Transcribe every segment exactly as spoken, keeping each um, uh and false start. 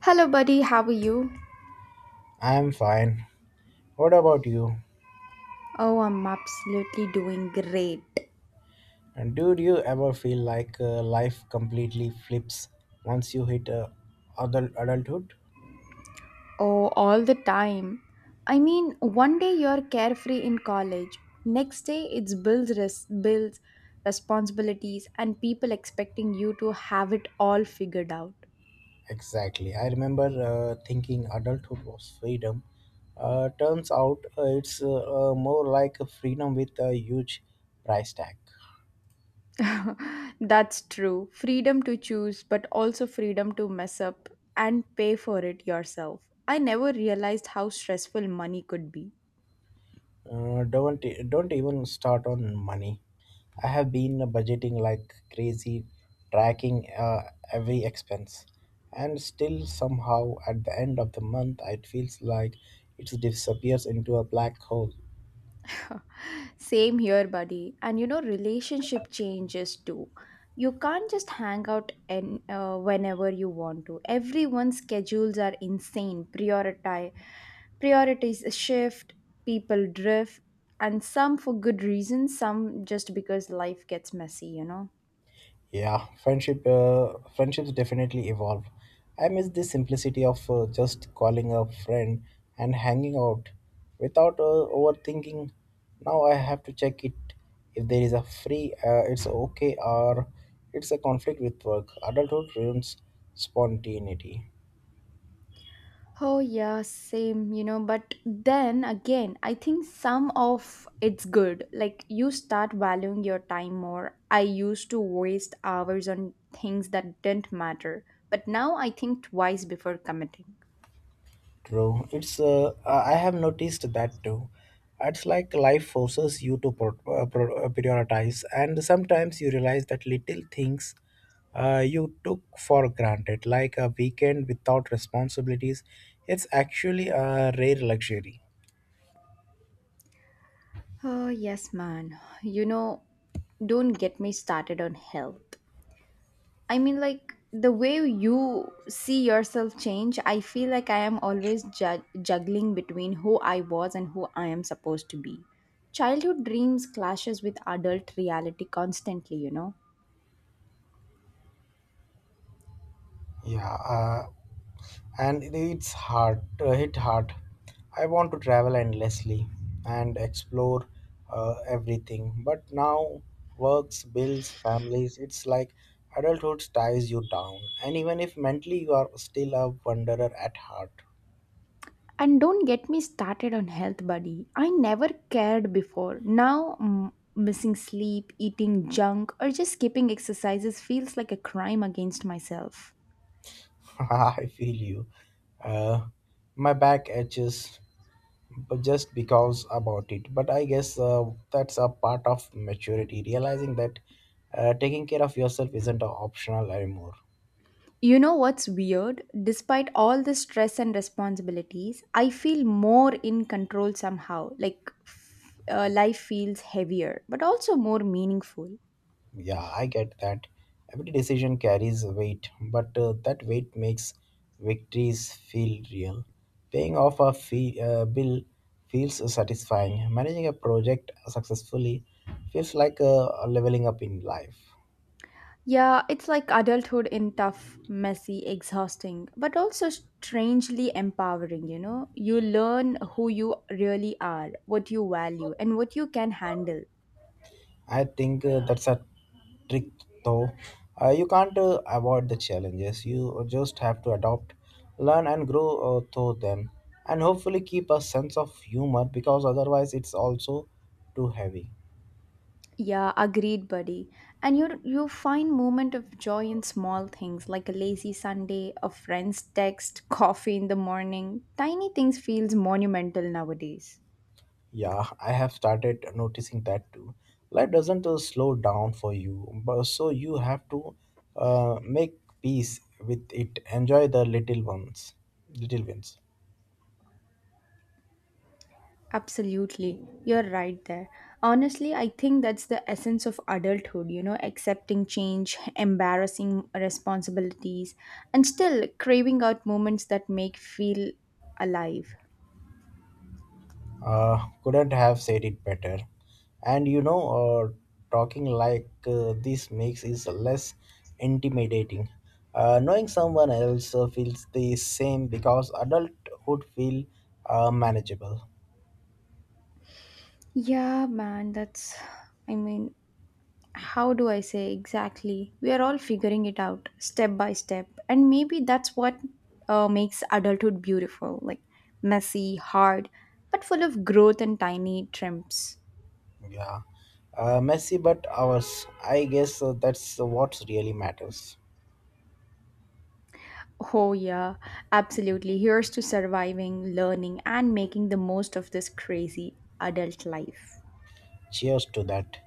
Hello, buddy. How are you? I'm fine. What about you? Oh, I'm absolutely doing great. And do you ever feel like uh, life completely flips once you hit uh, adult adulthood? Oh, all the time. I mean, one day you're carefree in college, next day it's bills, res- bills, responsibilities, and people expecting you to have it all figured out. Exactly. I remember uh, thinking adulthood was freedom. Uh, turns out uh, it's uh, uh, more like a freedom with a huge price tag. That's true. Freedom to choose, but also freedom to mess up and pay for it yourself. I never realized how stressful money could be. Uh, don't e- don't even start on money. I have been budgeting like crazy, tracking uh, every expense, and still somehow at the end of the month it feels like it disappears into a black hole. Same here, buddy. And you know, relationship changes too. You can't just hang out and uh, whenever you want to. Everyone's schedules are insane. Prioritize priorities shift, people drift, and some for good reasons, some just because life gets messy, you know. Yeah, friendship uh, friendships definitely evolve. I miss the simplicity of uh, just calling a friend and hanging out without uh, overthinking. Now I have to check it if there is a free, uh, it's okay, or it's a conflict with work. Adulthood ruins spontaneity. Oh, yeah, same, you know. But then again, I think some of it's good. Like, you start valuing your time more. I used to waste hours on things that didn't matter. But now I think twice before committing. True. It's uh, uh, I have noticed that too. It's like life forces you to pro- uh, pro- uh, prioritize, and sometimes you realize that little things uh, you took for granted, like a weekend without responsibilities, it's actually a rare luxury. Oh, yes, man. You know, don't get me started on health. I mean, like the way you see yourself change, I feel like I am always ju- juggling between who I was and who I am supposed to be. Childhood dreams clashes with adult reality constantly, you know. Yeah. Uh, and it's hard, uh, hit hard. I want to travel endlessly and explore uh, everything, but now, works, bills, families, it's like adulthood ties you down, and even if mentally you are still a wanderer at heart. And don't get me started on health, buddy. I never cared before. Now, mm, missing sleep, eating junk, or just skipping exercises feels like a crime against myself. I feel you. uh, my back itches, but just because about it, but I guess uh, that's a part of maturity, realizing that uh, taking care of yourself isn't a optional anymore. You know what's weird? Despite all the stress and responsibilities, I feel more in control somehow. Like f- uh, life feels heavier, but also more meaningful. Yeah, I get that. Every decision carries weight, but uh, that weight makes victories feel real. Paying off a fee, uh, bill feels satisfying. Managing a project successfully feels like uh, leveling up in life. Yeah, it's like adulthood in tough, messy, exhausting, but also strangely empowering, you know? You learn who you really are, what you value, and what you can handle. I think uh, that's a trick, though. Uh, you can't uh, avoid the challenges. You just have to adopt, learn, and grow uh, through them, and hopefully keep a sense of humor, because otherwise it's also too heavy. Yeah, agreed, buddy. And you you find moment of joy in small things like a lazy Sunday, a friend's text, coffee in the morning. Tiny things feels monumental nowadays. Yeah, I have started noticing that too. Life doesn't uh, slow down for you, but so you have to uh, make peace with it. Enjoy the little ones, little wins. Absolutely. You're right there. Honestly, I think that's the essence of adulthood, you know, accepting change, embarrassing responsibilities, and still craving out moments that make feel alive. Uh, couldn't have said it better. And you know, uh, talking like uh, this makes it less intimidating. Uh, knowing someone else uh, feels the same because adulthood feel uh, manageable. Yeah, man, that's I mean how do I say exactly? We are all figuring it out step by step. And maybe that's what uh, makes adulthood beautiful like messy, hard, but full of growth and tiny triumphs. Yeah, uh, messy but ours. I guess uh, that's what really matters. Oh, yeah, absolutely. Here's to surviving, learning, and making the most of this crazy adult life. Cheers to that.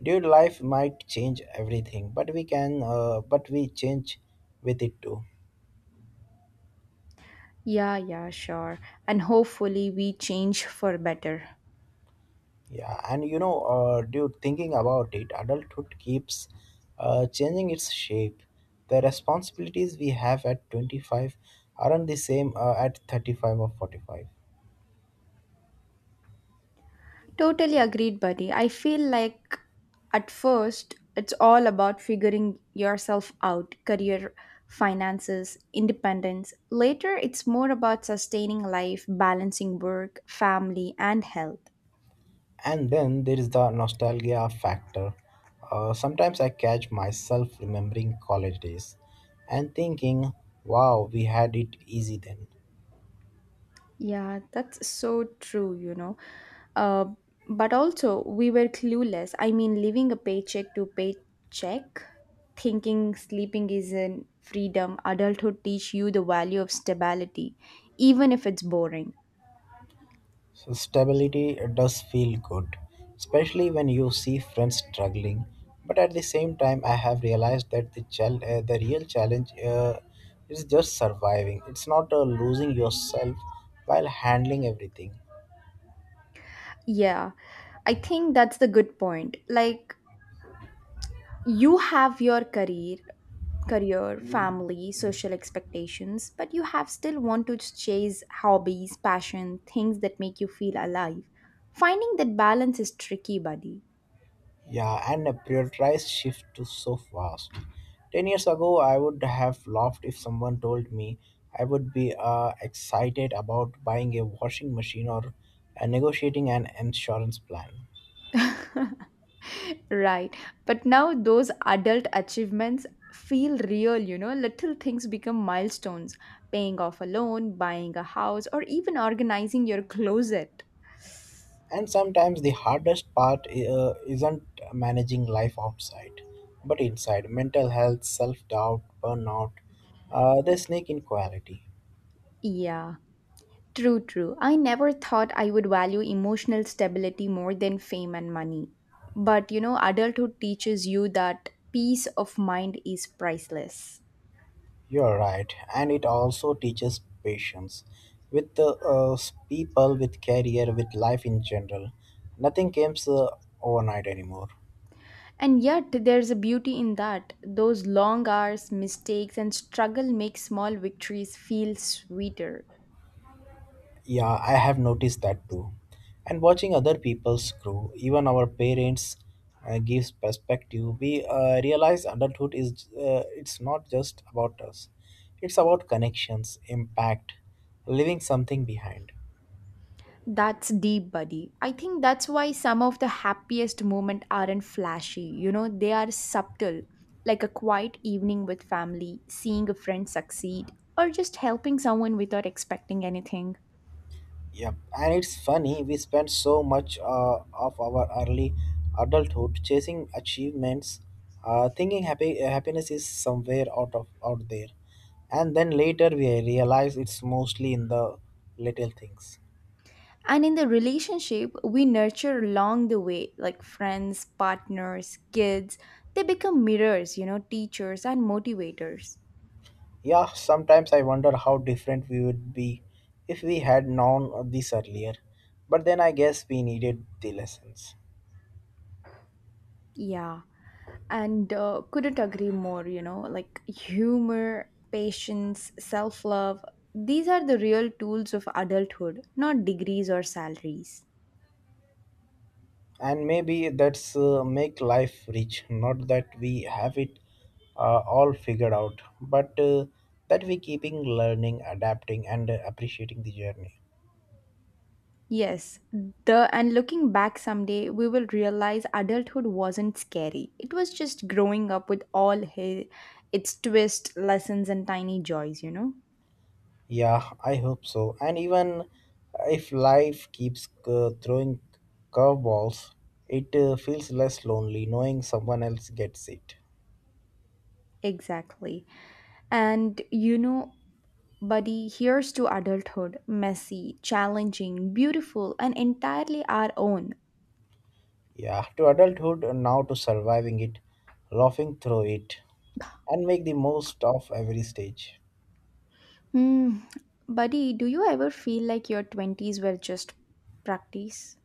Dude, life might change everything, but we can, uh, but we change with it too. Yeah, yeah, sure. And hopefully, we change for better. Yeah, and you know, uh, dude, thinking about it, adulthood keeps uh, changing its shape. The responsibilities we have at twenty-five aren't the same uh, at thirty-five or forty-five. Totally agreed, buddy. I feel like at first it's all about figuring yourself out career, finances, independence. Later, it's more about sustaining life, balancing work, family, and health. And then there is the nostalgia factor. Uh, sometimes I catch myself remembering college days and thinking, wow, we had it easy then. Yeah, that's so true, you know. Uh, but also, we were clueless. I mean, living a paycheck to paycheck, thinking sleeping is in freedom, adulthood teach you the value of stability, even if it's boring. So stability does feel good, especially when you see friends struggling. But at the same time, I have realized that the, chal- uh, the real challenge uh, is just surviving. It's not uh, losing yourself while handling everything. Yeah, I think that's the good point. Like you have your career, career, family, social expectations, but you have still want to chase hobbies, passion, things that make you feel alive. Finding that balance is tricky, buddy. Yeah, and a prioritized shift to so fast. Ten years ago, I would have laughed if someone told me I would be uh, excited about buying a washing machine or uh, negotiating an insurance plan. Right. But now those adult achievements feel real, you know. Little things become milestones. Paying off a loan, buying a house, or even organizing your closet. And sometimes the hardest part uh, isn't managing life outside, but inside: mental health, self doubt, burnout, uh, they sneak in quality. Yeah. True, true. I never thought I would value emotional stability more than fame and money. But you know, adulthood teaches you that peace of mind is priceless. You're right, and it also teaches patience with the uh, s- people, with career, with life in general. Nothing comes uh, overnight anymore. And yet, there's a beauty in that. Those long hours, mistakes, and struggle make small victories feel sweeter. Yeah, I have noticed that too. And watching other people's grow, even our parents, uh, gives perspective. We uh, realize adulthood is uh, it's not just about us. It's about connections, impact, leaving something behind. That's deep, buddy. I think that's why some of the happiest moments aren't flashy. You know, they are subtle, like a quiet evening with family, seeing a friend succeed, or just helping someone without expecting anything. Yep, and it's funny we spend so much uh, of our early adulthood chasing achievements, uh, thinking happy uh, happiness is somewhere out of out there, and then later we realize it's mostly in the little things. And in the relationship, we nurture along the way, like friends, partners, kids. They become mirrors, you know, teachers and motivators. Yeah, sometimes I wonder how different we would be if we had known this earlier, but then I guess we needed the lessons. Yeah. And uh, couldn't agree more, you know, like humor, patience, self-love, these are the real tools of adulthood, not degrees or salaries. And maybe that's uh, make life rich, not that we have it uh, all figured out, but uh, that we keeping learning, adapting, and uh, appreciating the journey. Yes. The and looking back someday, we will realize adulthood wasn't scary, it was just growing up with all hi- its twist, lessons, and tiny joys, you know. Yeah, I hope so. And even if life keeps uh, throwing curveballs, it uh, feels less lonely knowing someone else gets it. Exactly. And you know, buddy, here's to adulthood, messy, challenging, beautiful, and entirely our own. Yeah, to adulthood, and now to surviving it, laughing through it, and make the most of every stage. Hmm, buddy, do you ever feel like your twenties were just practice?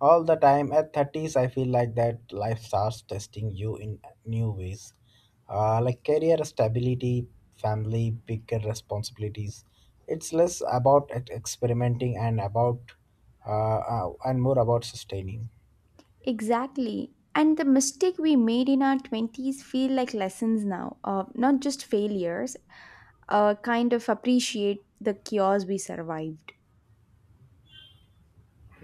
All the time. At thirties, I feel like that life starts testing you in new ways, uh, like career stability, family, bigger responsibilities. It's less about ex- experimenting and about uh, uh, and more about sustaining. Exactly. And the mistake we made in our twenties feel like lessons now, uh, not just failures, uh, kind of appreciate the chaos we survived.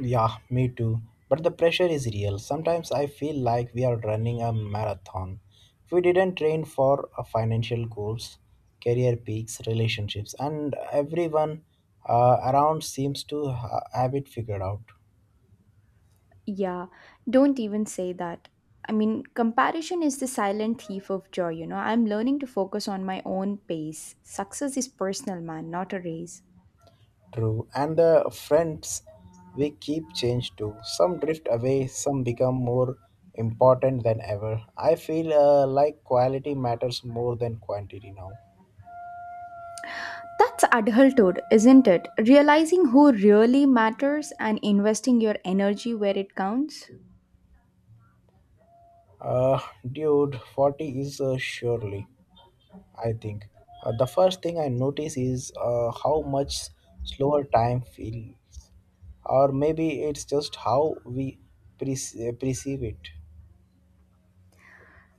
Yeah, me too. But the pressure is real. Sometimes I feel like we are running a marathon. If We didn't train for uh, financial goals, career peaks, relationships, and everyone uh, around seems to ha- have it figured out. Yeah, don't even say that. I mean, comparison is the silent thief of joy, you know. I'm learning to focus on my own pace. Success is personal, man, not a race. True. And the friends we keep change too. Some drift away, some become more important than ever. I feel uh, like quality matters more than quantity now. That's adulthood, isn't it? Realizing who really matters and investing your energy where it counts. Uh, Dude, forty is uh, surely. I think. Uh, the first thing I notice is uh, how much slower time feels, or maybe it's just how we perce- perceive it.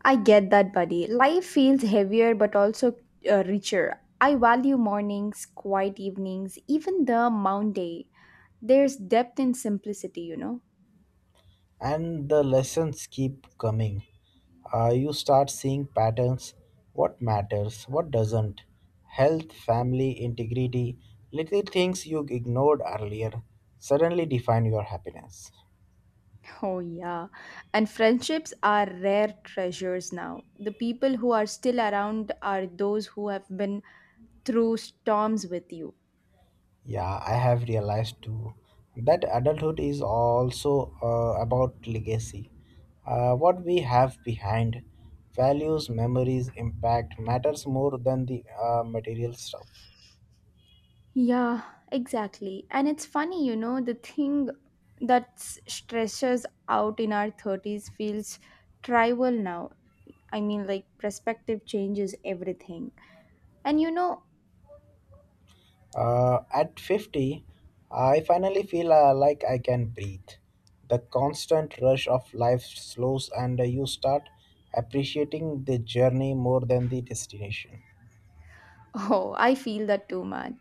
I get that, buddy. Life feels heavier but also uh, richer. I value mornings, quiet evenings, even the mount day. There's depth in simplicity, you know? And the lessons keep coming. Uh, you start seeing patterns: what matters, what doesn't. Health, family, integrity, little things you ignored earlier suddenly define your happiness. Oh, yeah. And friendships are rare treasures now. The people who are still around are those who have been through storms with you. Yeah, I have realized too that adulthood is also uh, about legacy. Uh, what we have behind, values, memories, impact matters more than the uh, material stuff. Yeah, exactly. And it's funny, you know, the thing that s- stresses out in our thirties feels trivial now. I mean, like, perspective changes everything. And you know, Uh, at fifty, I finally feel uh, like I can breathe. The constant rush of life slows, and uh, you start appreciating the journey more than the destination. oh, I feel that too, man.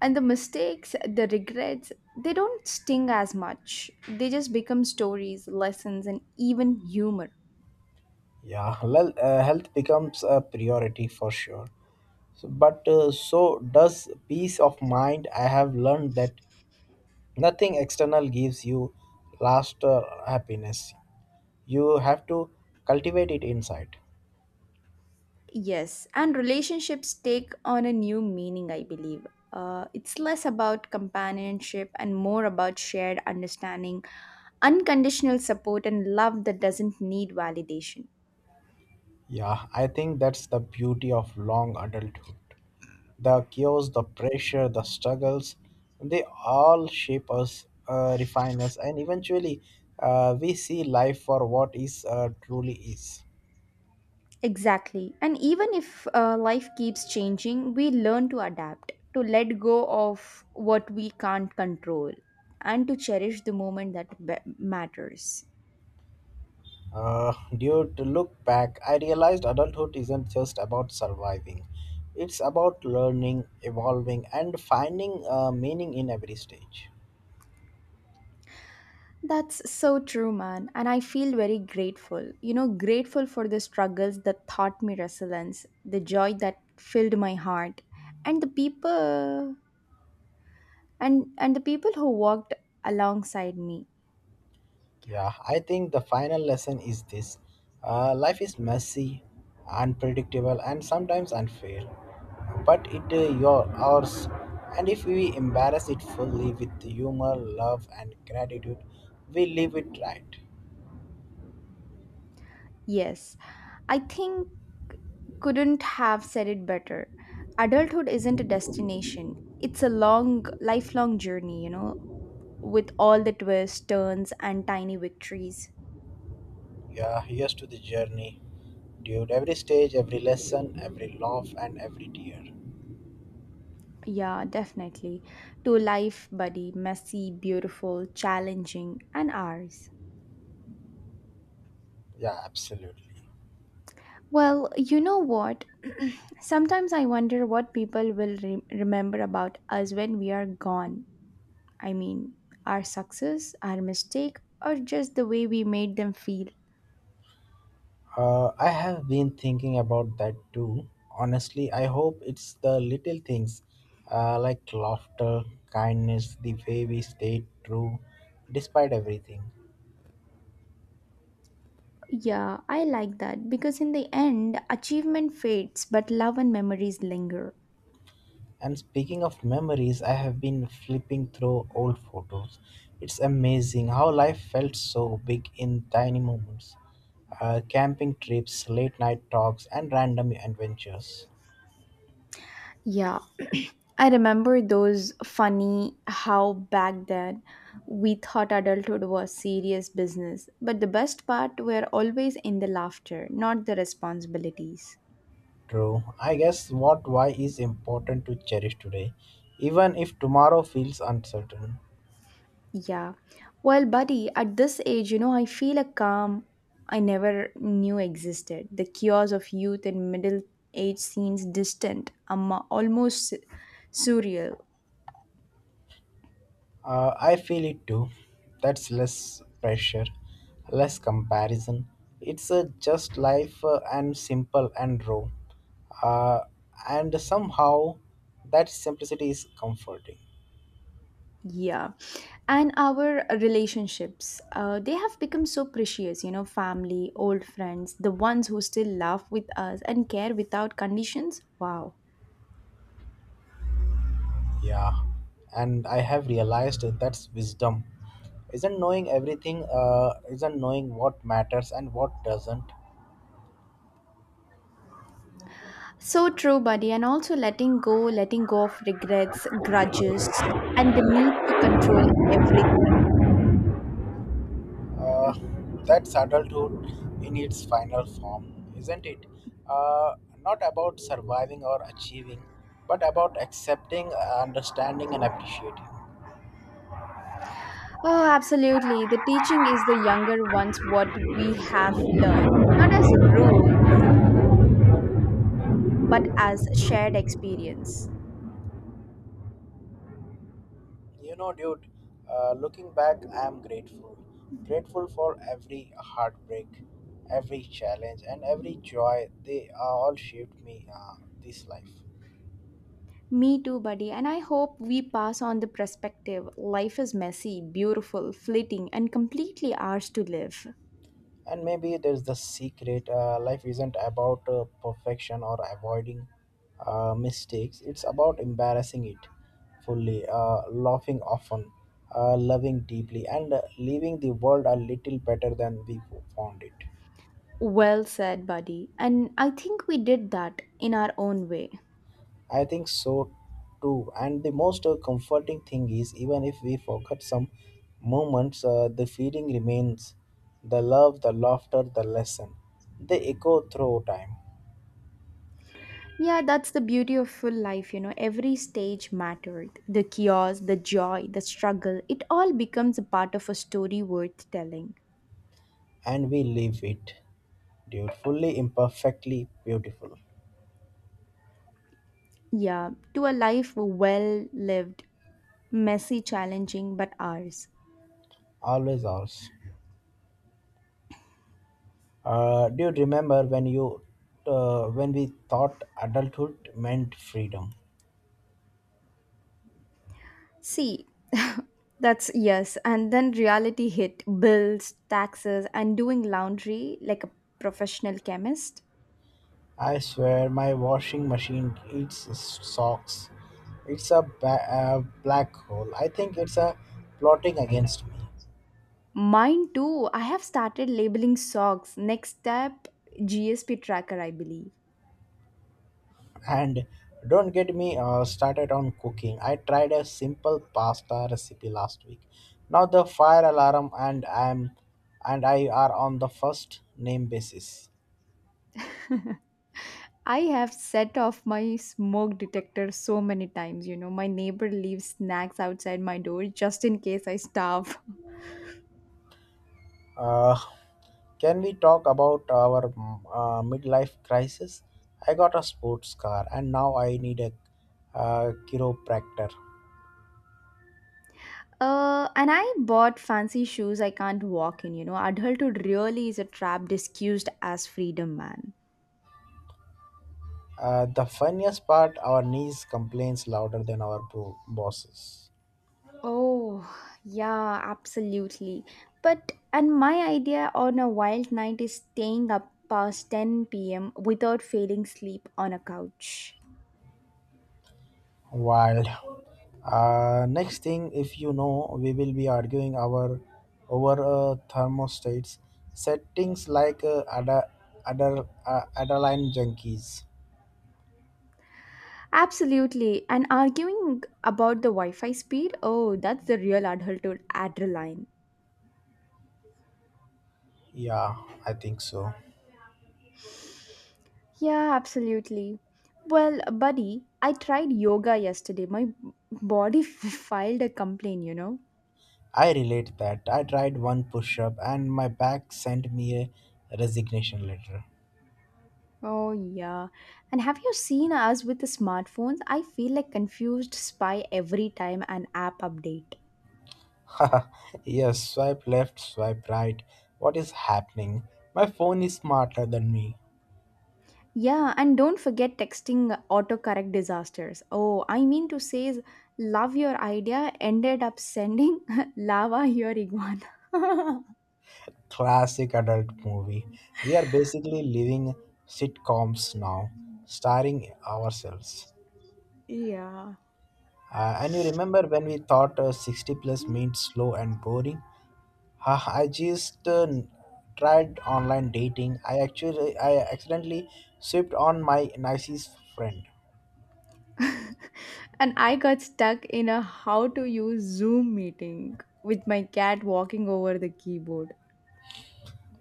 And the mistakes, the regrets, they don't sting as much. They just become stories, lessons, and even humor. Yeah, well, uh, health becomes a priority for sure. So, but uh, so does peace of mind. I have learned that nothing external gives you last uh, happiness. You have to cultivate it inside. Yes, and relationships take on a new meaning, I believe. Uh, it's less about companionship and more about shared understanding, unconditional support, and love that doesn't need validation. Yeah, I think that's the beauty of long adulthood. The chaos, the pressure, the struggles, they all shape us, uh, refine us, and eventually uh, we see life for what is uh, truly is. Exactly. And even if uh, life keeps changing, we learn to adapt, to let go of what we can't control, and to cherish the moment that be- matters. Uh, due to look back, I realized adulthood isn't just about surviving. It's about learning, evolving, and finding uh, meaning in every stage. That's so true, man. And I feel very grateful. You know, grateful for the struggles that taught me resilience, the joy that filled my heart, and the people and and the people who walked alongside me. Yeah, I think the final lesson is this: uh, life is messy, unpredictable, and sometimes unfair. But it is your ours, and if we embrace it fully with humor, love, and gratitude, we live it right. Yes, I think couldn't have said it better. Adulthood isn't a destination. It's a long, lifelong journey, you know, with all the twists, turns, and tiny victories. Yeah, here's to the journey, dude. Every stage, every lesson, every laugh, and every tear. Yeah, definitely. To life, buddy, messy, beautiful, challenging, and ours. Yeah, absolutely. Well, you know what? Sometimes I wonder what people will re- remember about us when we are gone. I mean, our success, our mistake, or just the way we made them feel. Uh, I have been thinking about that too. Honestly, I hope it's the little things, uh, like laughter, kindness, the way we stay true despite everything. Yeah, I like that because in the end, achievement fades, but love and memories linger. And speaking of memories, I have been flipping through old photos. It's amazing how life felt so big in tiny moments. Uh, camping trips, late night talks, and random adventures. Yeah, I remember those. Funny how back then we thought adulthood was serious business, but the best part were always in the laughter, not the responsibilities. True. I guess what why is important to cherish today, even if tomorrow feels uncertain. Yeah. Well, buddy, at this age, you know, I feel a calm I never knew existed. The chaos of youth and middle age seems distant, um, almost surreal. Uh, I feel it too. That's less pressure, less comparison. It's a just life, uh, and simple and raw. Uh, and somehow that simplicity is comforting. Yeah. And our relationships, uh, they have become so precious, you know, family, old friends, the ones who still laugh with us and care without conditions. Wow. Yeah. And I have realized that that's wisdom. Isn't knowing everything, uh, isn't knowing what matters and what doesn't. So true, buddy. And also letting go, letting go of regrets, grudges, and the need to control everything. Uh, that's adulthood in its final form, isn't it? Uh, Not about surviving or achieving, but about accepting, understanding, and appreciating. Oh, absolutely. The teaching is the younger ones what we have learned, not as rules, but as shared experience. You know, dude, uh, looking back, I am grateful. Grateful for every heartbreak, every challenge, and every joy. They uh, all shaped me, uh, this life. Me too, buddy. And I hope we pass on the perspective. Life is messy, beautiful, fleeting, and completely ours to live. And maybe there's the secret: uh, life isn't about uh, perfection or avoiding uh, mistakes. It's about embarrassing it fully, uh, laughing often, uh, loving deeply, and uh, leaving the world a little better than we found it. Well said, buddy. And I think we did that in our own way. I think so too. And the most uh, comforting thing is, even if we forget some moments, uh, the feeling remains: the love, the laughter, the lesson, they echo through time. Yeah, that's the beauty of full life, you know. Every stage mattered. The chaos, the joy, the struggle, it all becomes a part of a story worth telling. And we leave it, dude, imperfectly beautiful. Yeah, to a life well lived, messy, challenging, but ours. Always ours. Uh, do you remember when you, uh, when we thought adulthood meant freedom? See, that's yes. And then reality hit bills, taxes, and doing laundry like a professional chemist. I swear, my washing machine eats s- socks. It's a, ba- a black hole. I think it's a plotting against me. Mine too. I have started labeling socks. Next step, G S P tracker, I believe. And don't get me uh, started on cooking. I tried a simple pasta recipe last week. Now the fire alarm and I'm and I are on the first name basis. I have set off my smoke detector so many times. You know, my neighbor leaves snacks outside my door just in case I starve. Uh, can we talk about our mm, uh, midlife crisis? I got a sports car and now I need a uh, chiropractor. Uh, and I bought fancy shoes I can't walk in. You know, adulthood really is a trap disguised as freedom, man. Uh, the funniest part, our niece complains louder than our bro- bosses. Oh, yeah, absolutely. But and my idea on a wild night is staying up past ten p m without failing sleep on a couch. Wild. Uh, next thing, if you know, we will be arguing our over uh, thermostats settings like uh, other other uh, Adeline junkies. Absolutely. And arguing about the Wi Fi speed, oh, that's the real adulthood adrenaline. Yeah, I think so. Yeah, absolutely. Well, buddy, I tried yoga yesterday. My body filed a complaint, you know. I relate that. I tried one push up and my back sent me a resignation letter. Oh, yeah. And have you seen us with the smartphones? I feel like confused spy every time an app update. Yes, swipe left, swipe right. What is happening? My phone is smarter than me. Yeah, and don't forget texting autocorrect disasters. Oh, I mean to say is love your idea ended up sending lava your iguana. Classic adult movie. We are basically living sitcoms now, starring ourselves. yeah. Uh, and you remember when we thought uh, sixty plus means slow and boring? Ha, I just uh, tried online dating. I actually I accidentally swept on my nicest friend. And I got stuck in a how to use Zoom meeting with my cat walking over the keyboard.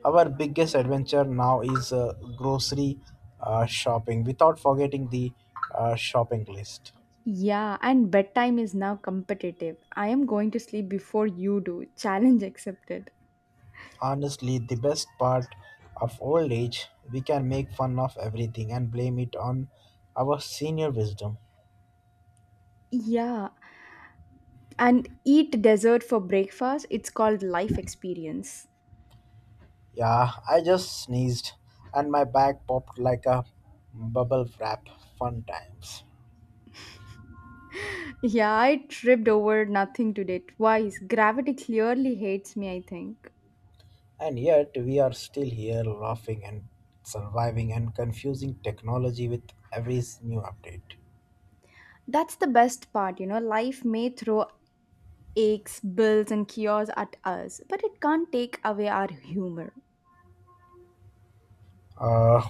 Our biggest adventure now is uh, grocery uh, shopping without forgetting the uh, shopping list. Yeah, and bedtime is now competitive. I am going to sleep before you do. Challenge accepted. Honestly, the best part of old age, we can make fun of everything and blame it on our senior wisdom. Yeah, and eat dessert for breakfast. It's called life experience. Yeah, I just sneezed and my back popped like a bubble wrap. Fun times. Yeah, I tripped over nothing today twice. Gravity clearly hates me, I think. And yet, we are still here laughing and surviving and confusing technology with every s- new update. That's the best part, you know. Life may throw aches, bills, and cures at us, but it can't take away our humor. Uh,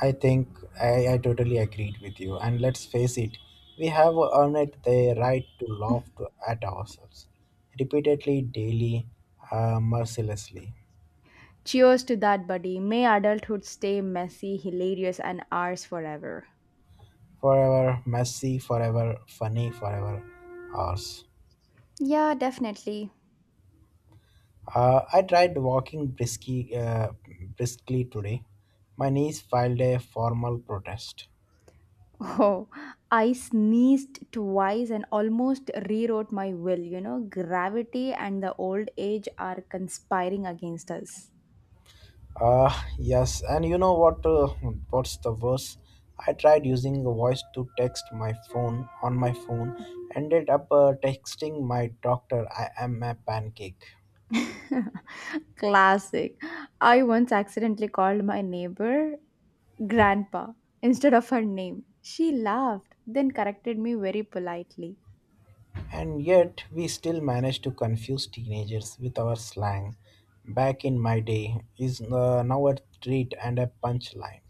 I think I, I totally agreed with you. And let's face it, we have earned the right to laugh to, at ourselves repeatedly, daily, uh, mercilessly. Cheers to that, buddy. May adulthood stay messy, hilarious, and ours forever. Forever messy, forever funny, forever ours. Yeah, definitely. Uh, I tried walking briskly, uh, briskly today. My knees filed a formal protest. Oh, I sneezed twice and almost rewrote my will. You know, gravity and the old age are conspiring against us. Uh, yes, and you know what? Uh, what's the worst? I tried using the voice to text my phone on my phone, ended up uh, texting my doctor, "I am a pancake." Classic. I once accidentally called my neighbor grandpa instead of her name. She laughed, then corrected me very politely. And yet, we still manage to confuse teenagers with our slang. Back in my day, is uh, now a treat and a punchline.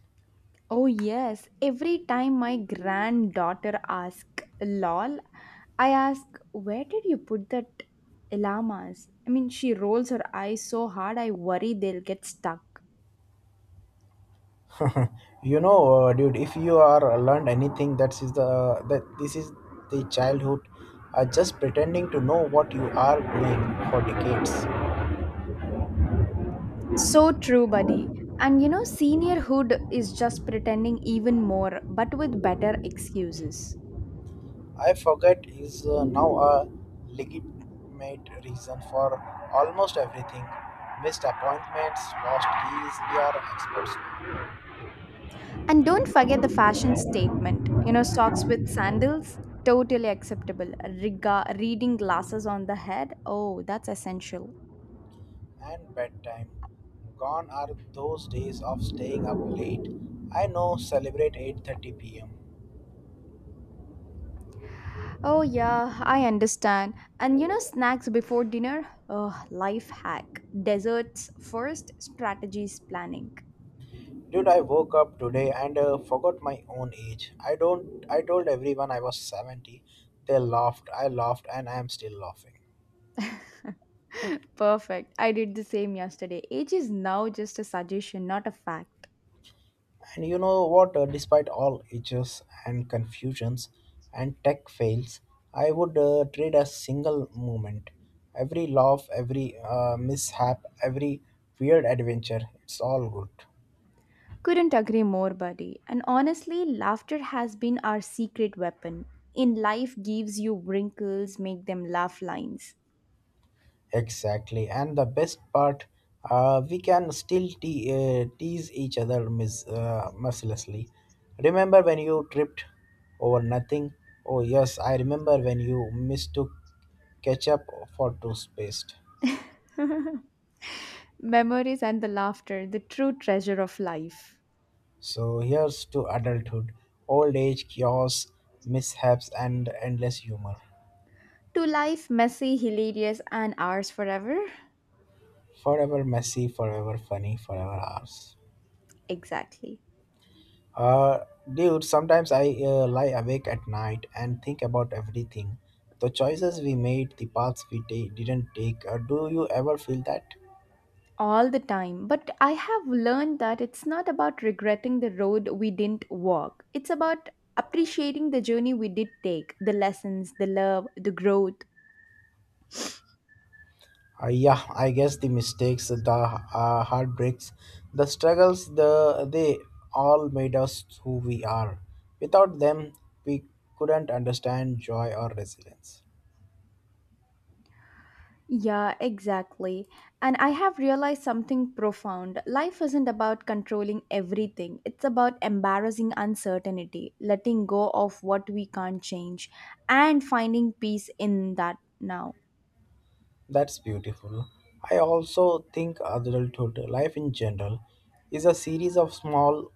Oh, yes. Every time my granddaughter asks, lol, I ask, where did you put that llamas? I mean, she rolls her eyes so hard, I worry they'll get stuck. You know, uh, dude, if you are uh, learned anything, that is the that this is the childhood, uh, just pretending to know what you are doing for decades. So true, buddy. And you know, seniorhood is just pretending even more, but with better excuses. I forget is uh, now a legitimate reason for almost everything: missed appointments, lost keys, we are experts now. And don't forget the fashion statement. You know, socks with sandals, totally acceptable. Riga, reading glasses on the head, oh, that's essential. And bedtime, gone are those days of staying up late. I know, celebrate eight thirty p m. Oh, yeah, I understand. And you know, snacks before dinner? Oh, life hack. Desserts first, strategies planning. Dude, I woke up today and uh, forgot my own age. I don't. I told everyone I was seventy. They laughed. I laughed, and I am still laughing. Perfect. I did the same yesterday. Age is now just a suggestion, not a fact. And you know what? Uh, despite all ages and confusions and tech fails, I would uh, trade a single moment. Every laugh, every uh, mishap, every weird adventure. It's all good. Couldn't agree more, buddy. And honestly, laughter has been our secret weapon. In life, gives you wrinkles, make them laugh lines. Exactly. And the best part, uh, we can still te- uh, tease each other mis- uh, mercilessly. Remember when you tripped over nothing? Oh, yes, I remember when you mistook ketchup for toothpaste. Memories and the laughter, the true treasure of life. So here's to adulthood, old age, chaos, mishaps, and endless humor. To life, messy, hilarious, and ours forever? Forever messy, forever funny, forever ours. Exactly. Uh, Dude, sometimes I uh, lie awake at night and think about everything. The choices we made, the paths we ta- didn't take. Uh, do you ever feel that? All the time. But I have learned that it's not about regretting the road we didn't walk, it's about appreciating the journey we did take, the lessons, the love, the growth. Uh, yeah, I guess the mistakes, the uh, heartbreaks, the struggles, the they all made us who we are. Without them, we couldn't understand joy or resilience. Yeah, exactly. And I have realized something profound. Life isn't about controlling everything, it's about embarrassing uncertainty, letting go of what we can't change, and finding peace in that now. That's beautiful. I also think adulthood, life in general, is a series of small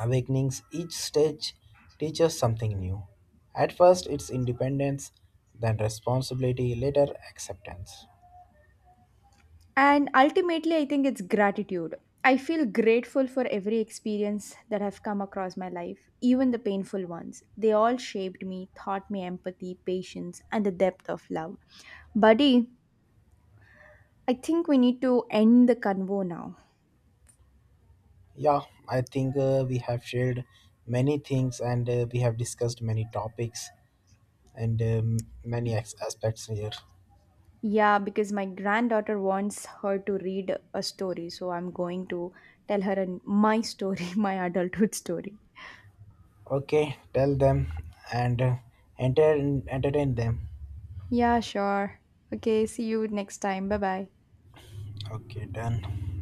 awakenings, each stage teaches something new. At first, it's independence, then responsibility, later, acceptance. And ultimately, I think it's gratitude. I feel grateful for every experience that have come across my life, even the painful ones. They all shaped me, taught me empathy, patience, and the depth of love. Buddy, I think we need to end the convo now. Yeah, I think uh, we have shared many things and uh, we have discussed many topics and um, many as- aspects here. Yeah, because my granddaughter wants her to read a story, so I'm going to tell her an- my story, my adulthood story. Okay, tell them and uh, enter entertain them. Yeah, sure. Okay, see you next time. Bye bye. Okay, done.